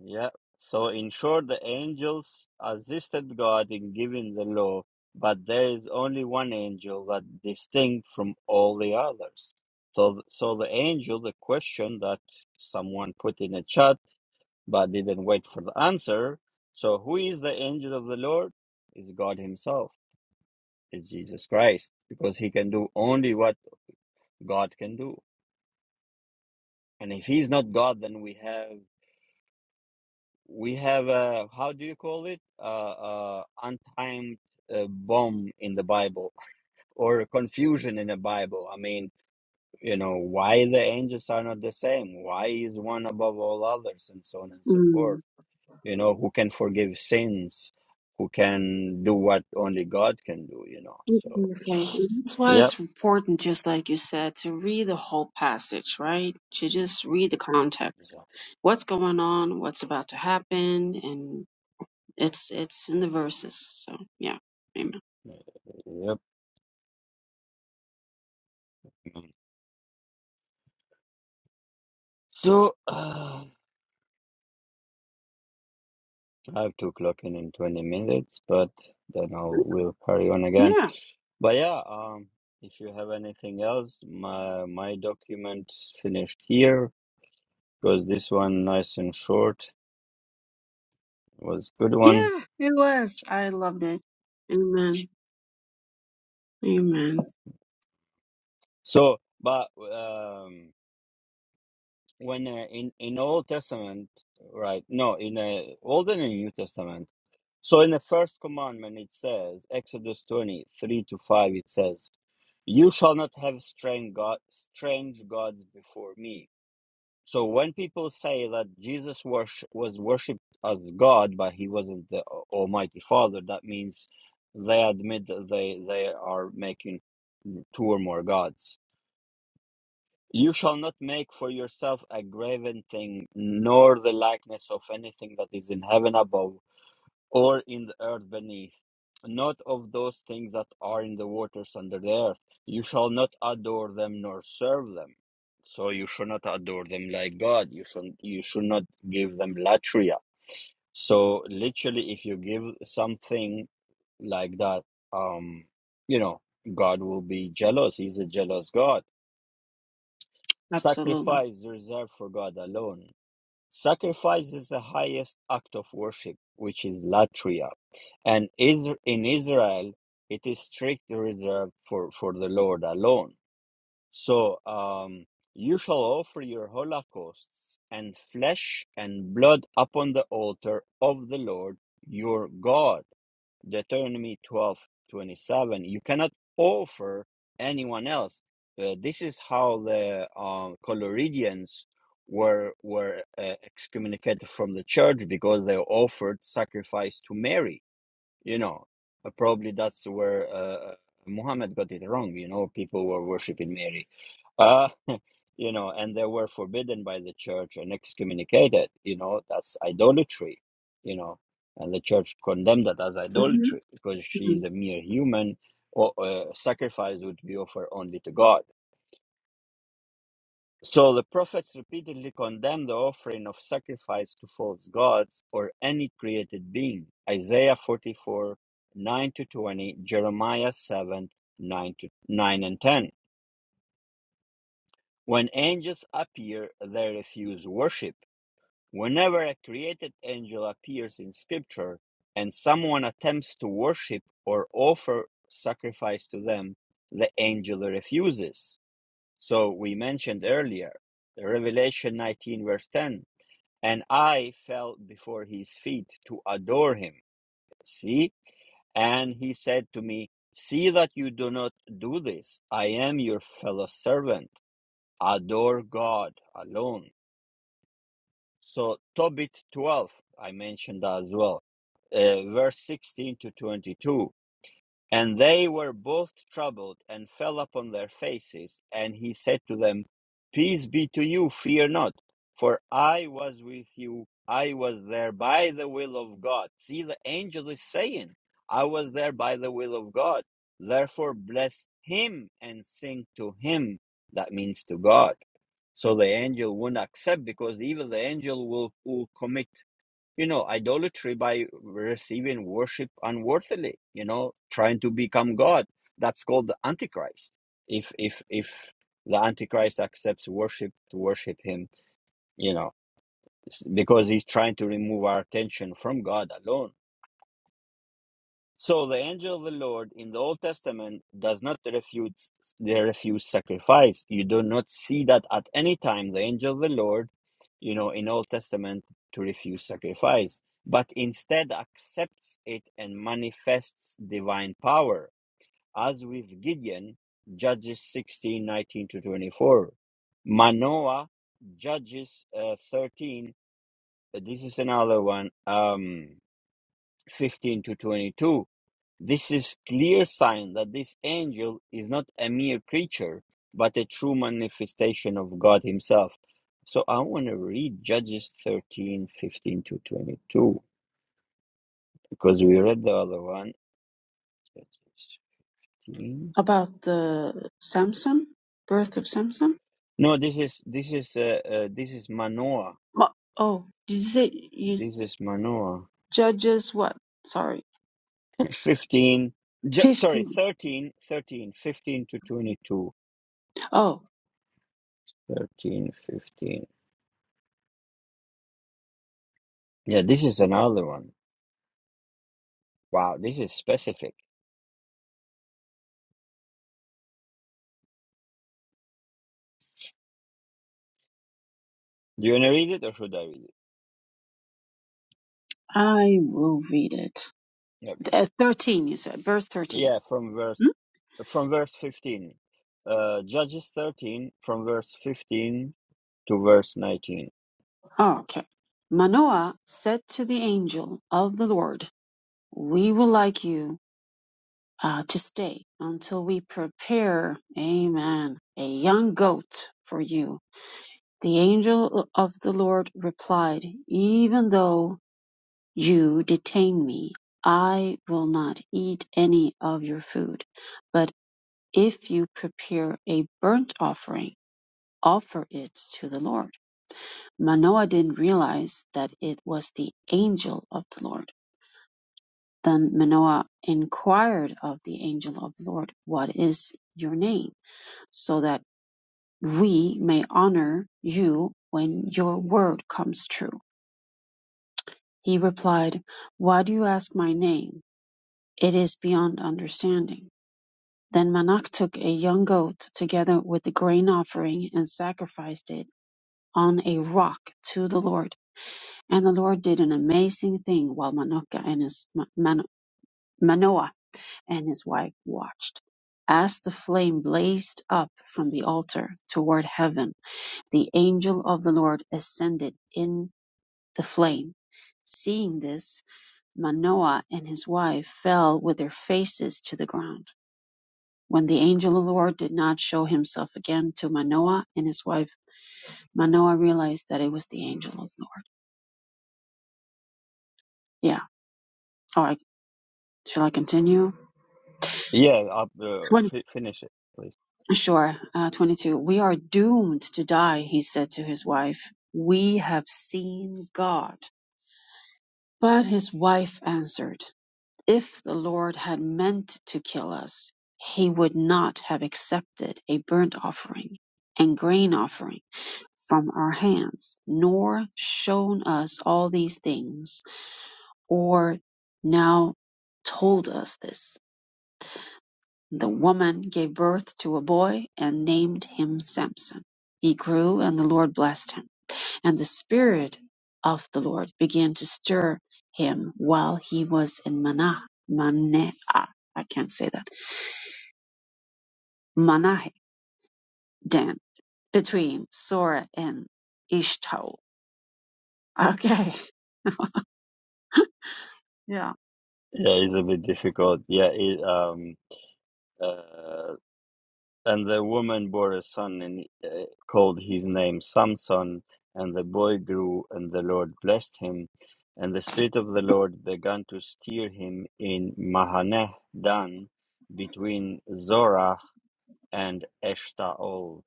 yeah. So, in short, the angels assisted God in giving the law, but there is only one angel that distinct from all the others. So, so the angel, the question that someone put in a chat but didn't wait for the answer. So, who is the angel of the Lord? Is God Himself? Is Jesus Christ? Because He can do only what God can do. And if he's not God, then we have we have a how do you call it? Uh, uh, untimed uh, bomb in the Bible [LAUGHS] or confusion in the Bible. I mean, you know, why the angels are not the same? Why is one above all others, and so on and so Mm. forth? You know, who can forgive sins? Who can do what only God can do? You know, so Exactly. That's [SIGHS] why yep, it's important, just like you said, to read the whole passage, right? To just read the context. exactly, What's going on, what's about to happen, and it's it's in the verses. So yeah. Amen. yep. man. So. uh, I have to clock in in 20 minutes, but then I will carry on again. Yeah. But yeah, um, if you have anything else, my my document finished here because this one nice and short was good one. Yeah, it was. I loved it. Amen. Amen. So, but um, when uh, in in Old Testament, right? No, in uh, Old and in New Testament. So in the first commandment, it says Exodus twenty three to five. It says, "You shall not have strange god strange gods before me." So when people say that Jesus was was worshipped as God, but he wasn't the Al- Almighty Father, that means they admit that they they are making two or more gods you shall not make for yourself a graven thing, nor the likeness of anything that is in heaven above, or in the earth beneath, not of those things that are in the waters under the earth. You shall not adore them nor serve them. So you should not adore them like God. You should you should not give them latria. So literally, if you give something like that, um, you know, God will be jealous. He's a jealous God Absolutely. Sacrifice reserved for God alone. Sacrifice is the highest act of worship, which is latria, and is, in Israel it is strictly reserved for, for the Lord alone. So um, you shall offer your holocausts and flesh and blood upon the altar of the Lord your God Deuteronomy twelve twenty seven. You cannot offer anyone else. Uh, this is how the um, Coloridians were were uh, excommunicated from the church because they offered sacrifice to Mary you know uh, probably that's where uh, uh, muhammad got it wrong you know people were worshiping mary uh, [LAUGHS] you know and they were forbidden by the church and excommunicated you know that's idolatry you know and the church condemned that as hmm idolatry because she hmm is a mere human or uh, sacrifice would be offered only to god so the prophets repeatedly condemn the offering of sacrifice to false gods or any created being. Isaiah 44, 9 to 20, Jeremiah 7, 9 to 9 and 10. When angels appear, they refuse worship. Whenever a created angel appears in scripture and someone attempts to worship or offer sacrifice to them, the angel refuses. So we mentioned earlier, Revelation 19, verse 10. and I fell before his feet to adore him. See? And he said to me, See that you do not do this. I am your fellow servant. Adore God alone. So, Tobit 12, I mentioned as well, uh, verse 16 to 22. And they were both troubled and fell upon their faces. And he said to them, Peace be to you, fear not, for I was with you. I was there by the will of God. See, the angel is saying, I was there by the will of God. Therefore, bless him and sing to him. That means to God. So the angel wouldn't accept because even the angel will, will commit you know, idolatry by receiving worship unworthily, you know, trying to become God. That's called the Antichrist. If if if the Antichrist accepts worship to worship him, you know, s- because he's trying to remove our attention from God alone so the angel of the Lord in the Old Testament does not refute the refuse sacrifice. You do not see that at any time the angel of the Lord, you know, in Old Testament to refuse sacrifice, but instead accepts it and manifests divine power, as with Gideon, Judges 16 19 to 24. Manoah, Judges uh, 13. This is another one. Um, 15 to 22 this is clear sign that this angel is not a mere creature but a true manifestation of god himself so i want to read judges 13, 15 to 22 because we read the other one Judges 15. About the Samson, birth of Samson? no this is this is uh, uh, this is manoah What? Oh, did you say you this s- is manoah judges what? Sorry. [LAUGHS] 15 ju- sorry 15. 13, 13, 15 to 22 Oh. 13, 15. yeah this is another one Wow, this is specific. Do you want to read it or should I read it? I will read it. Yeah, Okay. Uh, 13, you said, verse 13. Yeah, from verse Hmm? from verse 15. Uh Judges 13 from verse 15 to verse 19. Oh, okay. Manoah said to the angel of the Lord, We would like you uh, to stay until we prepare, amen, a young goat for you. The angel of the Lord replied, Even though you detain me, I will not eat any of your food. But if you prepare a burnt offering, offer it to the Lord. Manoah didn't realize that it was the angel of the Lord. Then Manoah inquired of the angel of the Lord, What is your name? So that we may honor you when your word comes true. He replied, Why do you ask my name? It is beyond understanding. Then Manoah took a young goat together with the grain offering and sacrificed it on a rock to the Lord. And the Lord did an amazing thing while Manoka and his, Mano- Manoah and his wife watched. As the flame blazed up from the altar toward heaven, the angel of the Lord ascended in the flame. Seeing this, Manoah and his wife fell with their faces to the ground. When the angel of the Lord did not show himself again to Manoah and his wife, Manoah realized that it was the angel of the Lord. Yeah. All right. Shall I continue? Yeah, up uh, fi finish it, please. Sure, uh, 22. We are doomed to die, he said to his wife. We have seen God. But his wife answered, If the Lord had meant to kill us, he would not have accepted a burnt offering and grain offering from our hands, nor shown us all these things, or now told us this. The woman gave birth to a boy and named him Samson. He grew and the Lord blessed him. And the Spirit of the Lord began to stir him while he was in Manah, Manah, I can't say that, Manah, Dan, between Sora and Ishtaol. Okay. [LAUGHS] Yeah. Yeah, it's a bit difficult. Yeah, it, um uh, And the woman bore a son and uh, called his name Samson. And the boy grew, and the Lord blessed him. And the Spirit of the Lord began to steer him in Mahaneh Dan between Zorah and Eshtaol.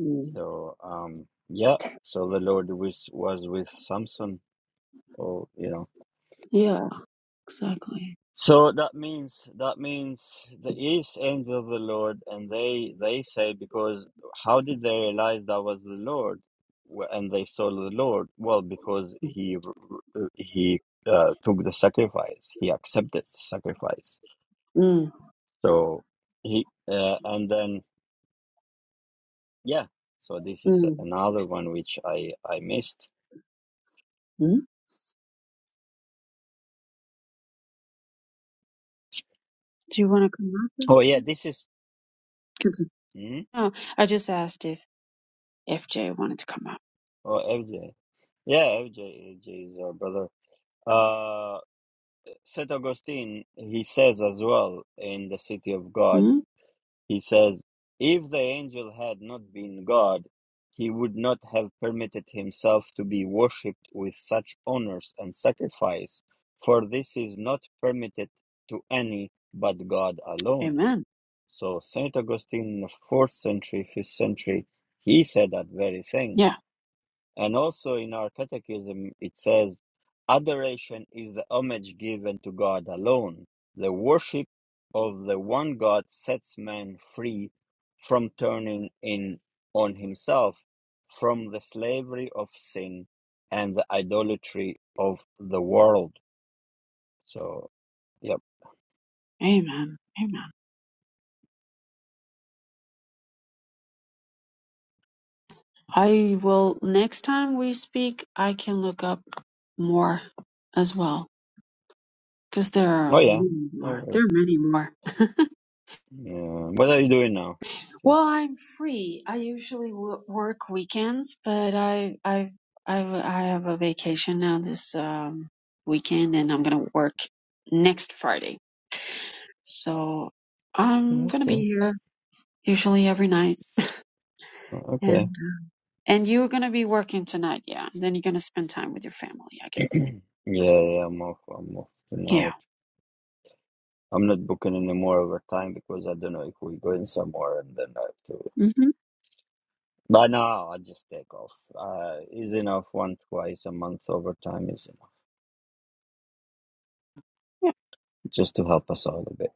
Mm. So, um, yeah, so the Lord was, was with Samson, or, you know. Yeah, exactly. So that means that means the east angel of the Lord, and they they say because how did they realize that was the Lord, Wh- and they saw the Lord? Well, because Mm, he r- r- he uh, took the sacrifice, he accepted the sacrifice. mm, So he uh, and then yeah. So this is mm. another one which I I missed. Mm. Do you want to come up? Oh yeah, this is Continue. hmm? No, I just asked if FJ wanted to come oh FJ. Yeah, FJ, FJ is our brother. Uh. St. Augustine, he says as well in The City of up. God, he says, if the angel had not been God, he would not have permitted himself to be worshipped with such honors and sacrifice, for this is not permitted to any but God alone. Amen. So, St. Augustine in the fourth century, fifth century, he said that very thing. Yeah. And also in our catechism, it says, Adoration is the homage given to God alone. The worship of the one God sets man free from turning in on himself, from the slavery of sin and the idolatry of the world. So, yep. Amen. Amen. I will, next time we speak, I can look up more as well. Because there Oh, are yeah. many No more. There worries. are many more. [LAUGHS] Yeah. What are you doing now? Sis? well, I'm free. I usually w- work weekends, but I, I, I, I have a vacation now this um, weekend, and I'm gonna work next Friday. So I'm gonna be Okay. here usually every night. yeah. Okay. And you're gonna be working tonight, yeah. And then you're gonna spend time with your family, I guess. [CLEARS THROAT] Yeah, yeah, I'm off. I'm off tonight. Yeah. I'm not booking any more overtime because I don't know if we're going somewhere and then I have to. Mm-hmm. But no, I just take off. Uh, is enough one twice a month overtime is enough Yeah. just to help us out a bit.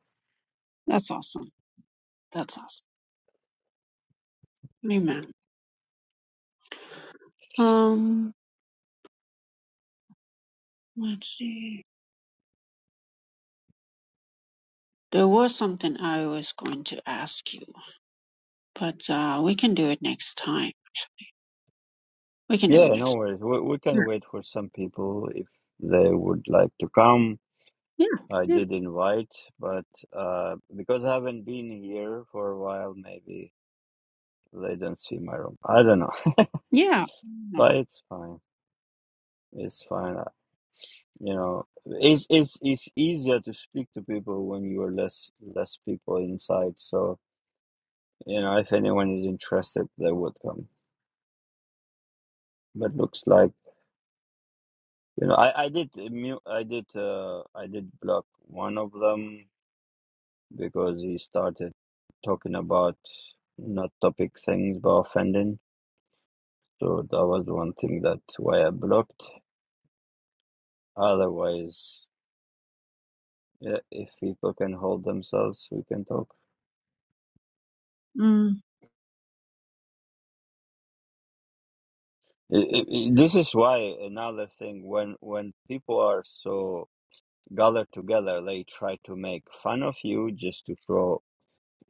That's awesome. That's awesome. Amen. Um, let's see. There was something I was going to ask you, but uh, we can do it next time. We can do it Yeah, no next. worries. We we Yeah. can wait for some people if they would like to come. Yeah. I Yeah. did invite, but uh, because I haven't been here for a while, maybe they don't see my room. I don't know, [LAUGHS] Yeah. No. but it's fine. It's fine. You know, it's it's it's easier to speak to people when you are less less people inside. So you know, if anyone is interested, they would come. But looks like you know, I I did mute, I did uh, I did block one of them because he started talking about not topic things but offending. So that was the one thing that why I blocked. Otherwise, yeah, if people can hold themselves, we can talk. Mm, I- I- this is why another thing when when people are so gathered together they try to make fun of you just to show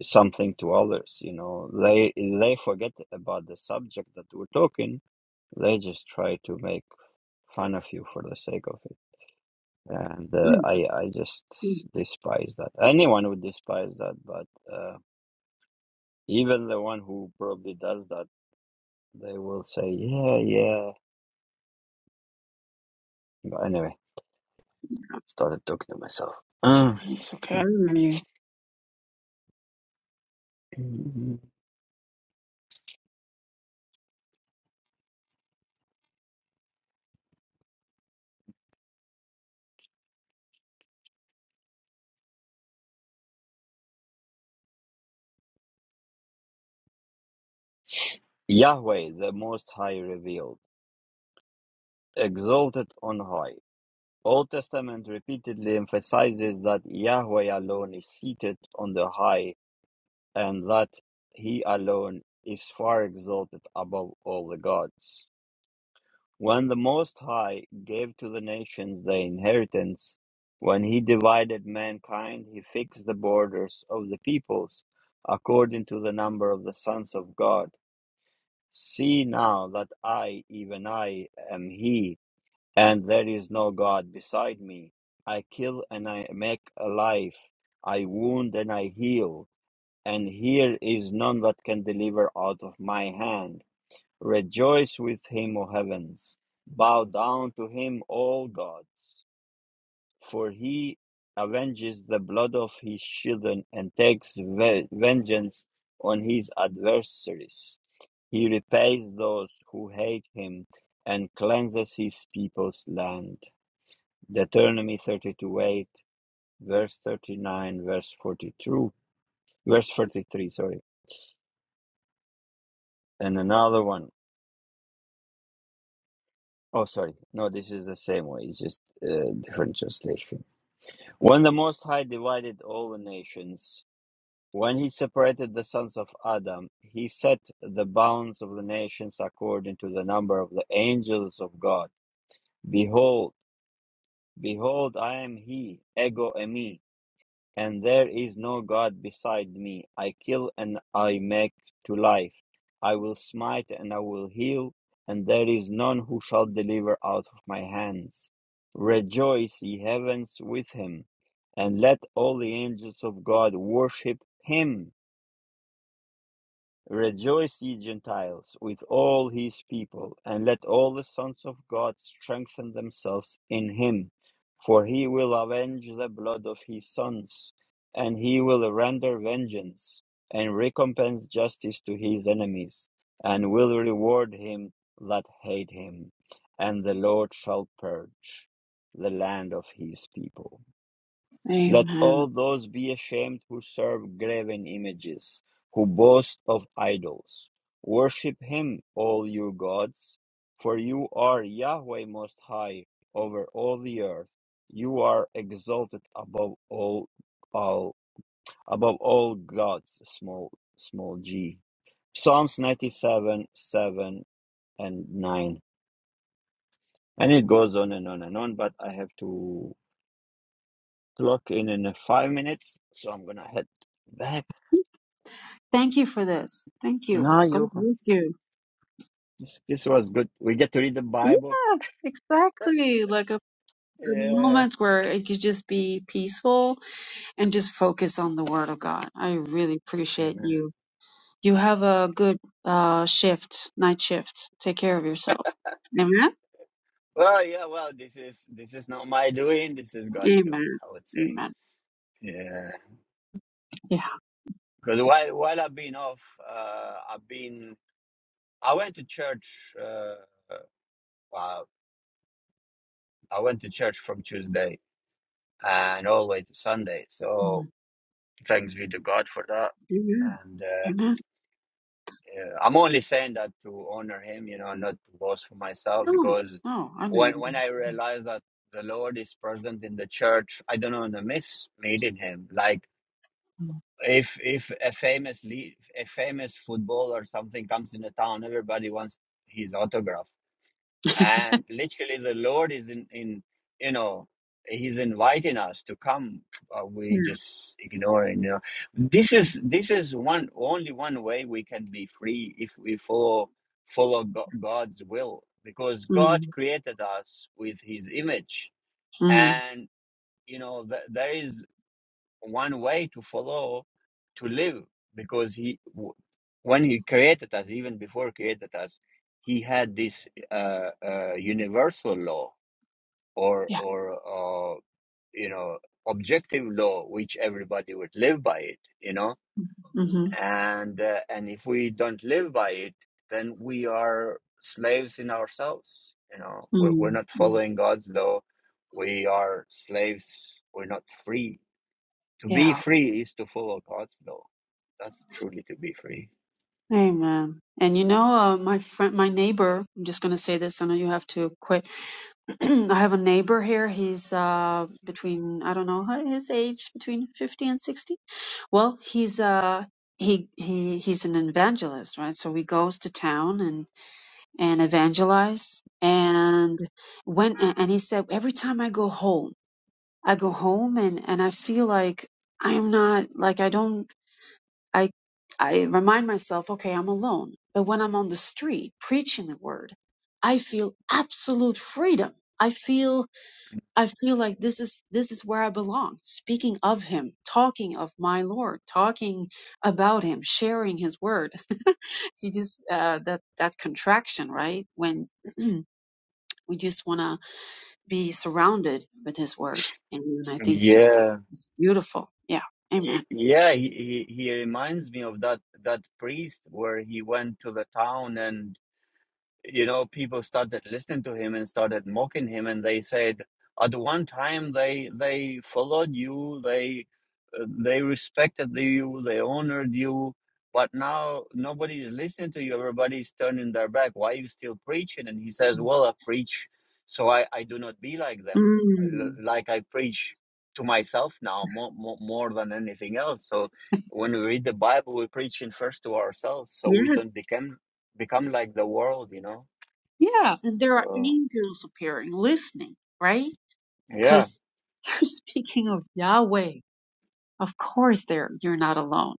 something to others you know they they forget about the subject that we're talking they just try to make fun of you for the sake of it and uh, mm, i i just mm. despise that anyone would despise that but uh, even the one who probably does that they will say yeah yeah but anyway started talking to myself [SIGHS] It's [CLEARS THROAT] okay. I remember you. Yahweh the Most High revealed, exalted on high. Old Testament repeatedly emphasizes that Yahweh alone is seated on the high and that he alone is far exalted above all the gods. When the Most High gave to the nations their inheritance, when he divided mankind, he fixed the borders of the peoples according to the number of the sons of God See now that I, even I, am He, and there is no God beside me. I kill and I make alive, I wound and I heal, and here is none that can deliver out of my hand. Rejoice with him, O heavens! Bow down to him, all gods! for he avenges the blood of his children and takes ve- vengeance on his adversaries. He repays those who hate him and cleanses his people's land. Deuteronomy 32 8, verse 39, verse 42, verse 43, sorry. And another one. Oh, sorry. No, this is the same way. It's just a different translation. When the Most High divided all the nations, When he separated the sons of Adam, he set the bounds of the nations according to the number of the angels of God. Behold, behold, I am he, ego emi, and there is no God beside me. I kill and I make to life. I will smite and I will heal, and there is none who shall deliver out of my hands. Rejoice, ye heavens, with him, and let all the angels of God worship him Rejoice, ye Gentiles, with all his people, and let all the sons of God strengthen themselves in him. For he will avenge the blood of his sons, and he will render vengeance, and recompense justice to his enemies, and will reward him that hate him. And the Lord shall purge the land of his people. Let Amen. all those be ashamed who serve graven images, who boast of idols. Worship him, all you gods, for you are Yahweh Most High over all the earth. You are exalted above all, all above all gods, small small g. Psalms 97, 7 and 9. And it goes on and on and on, but I have to clock in in uh, five minutes, so I'm gonna head back Thank you for this. Thank you. No, God you. bless you. This, this was good. We get to read the Yeah. Bible. Exactly. Like a the Yeah. moments where it could just be peaceful and just focus on the word of God. I really appreciate Amen. you. You have a good uh, shift, night shift. Take care of yourself. Amen. Well, yeah. Well, this is this is not my doing. This is God's doing. Amen. I would say. Amen. Yeah. Yeah. Because while while I've been off, uh, I've been. I went to church. Uh, well, I went to church from Tuesday and all the way to Sunday. So Mm. thanks be to God for that. Amen. And. uh, Amen. Yeah, I'm only saying that to honor him, you know, not to boast for myself. No. Because No. I when when mean. I realized that the Lord is present in the church, I don't want to miss meeting him. Like mm, if if a famous le- a famous footballer or something comes in the town, everybody wants his autograph and literally the lord is in in you know he's inviting us to come uh, we Yeah. just ignoring you know this is this is one only one way we can be free if we follow follow Go- god's will because god Mm. created us with his image Mm. and you know th- there is one way to follow to live because he when he created us even before he created us he had this uh, uh, universal law or Yeah. or uh, you know objective law which everybody would live by it you know Mm-hmm. and uh, and if we don't live by it then we are slaves in ourselves you know we're, we're Mm. not Mm. following god's law we are slaves we're not free to be Yeah. free is to follow God's law. That's truly to be free. Amen. And you know, uh, my friend, my neighbor, I'm just going to say this. I know you have to quit. [CLEARS THROAT] I have a neighbor here. He's uh, between, I don't know his age, between 50 and 60. Well, he's, uh, he, he, he's an evangelist, right? So he goes to town and, and evangelize. And when, a- and he said, every time I go home, I go home and, and I feel like I'm not, like I don't I I remind myself, okay, I'm alone. But when I'm on the street preaching the word, I feel absolute freedom. I feel I feel like this is this is where I belong, speaking of him, talking of my Lord, talking about him, sharing his word. [LAUGHS] You just uh that that contraction, right? When [CLEARS THROAT] we just want to be surrounded with his word. And I Mm. think it's just Yeah, it's beautiful. Yeah. Amen. he, yeah. He, he he reminds me of that that priest where he went to the town and. you know, people started listening to him and started mocking him, and they said, at one time they they followed you, they uh, they respected you, they honored you, but now nobody is listening to you. Everybody's turning their back. Why are you still preaching? And he says, well, I preach, so I I do not be like them, L- Mm. like I preach to myself now more more, more than anything else. So. When we read the Bible, we're preaching first to ourselves, so we Yes. don't become become like the world, you know. Yeah, and there are So angels appearing, listening, right? yeah, Because [LAUGHS] you're speaking of Yahweh. Of course, there you're not alone.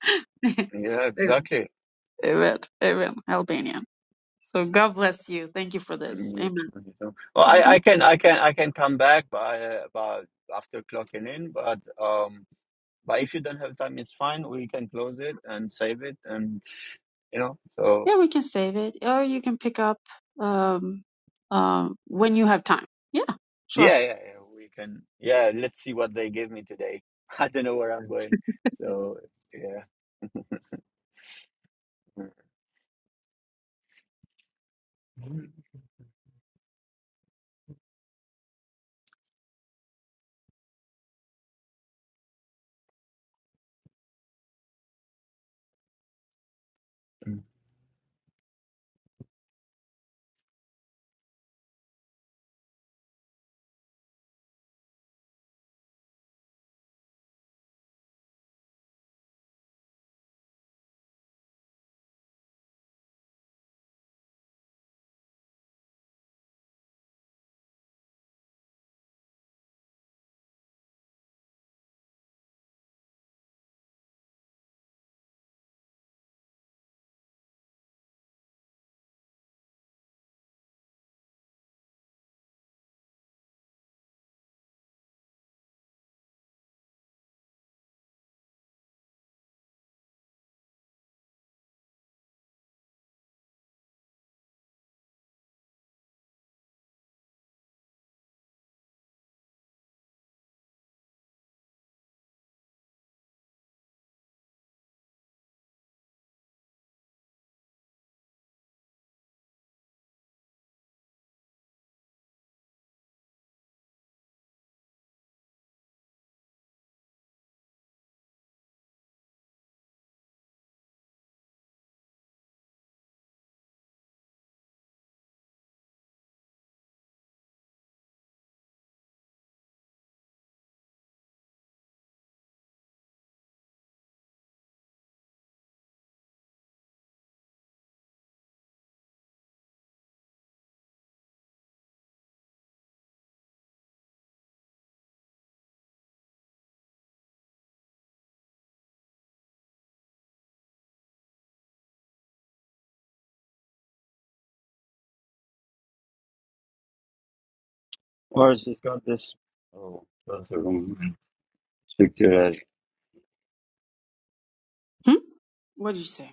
[LAUGHS] yeah, Amen. exactly. Amen. Amen. Albanian. So God bless you. Thank you for this. Mm, You Amen. too, you know. Well, I, Mhm. I can, I can, I can come back by, uh, by after clocking in, but um, but if you don't have time, it's fine. We can close it and save it, and you know. So Yeah, we can save it, or you can pick up um, um, when you have time. Yeah, sure. yeah, yeah, yeah. We can. Yeah, let's see what they give me today. [LAUGHS] I don't know where I'm going. So yeah. Mm. Mm. Or has just got this. Oh, that's a room. Hmm? What did you say?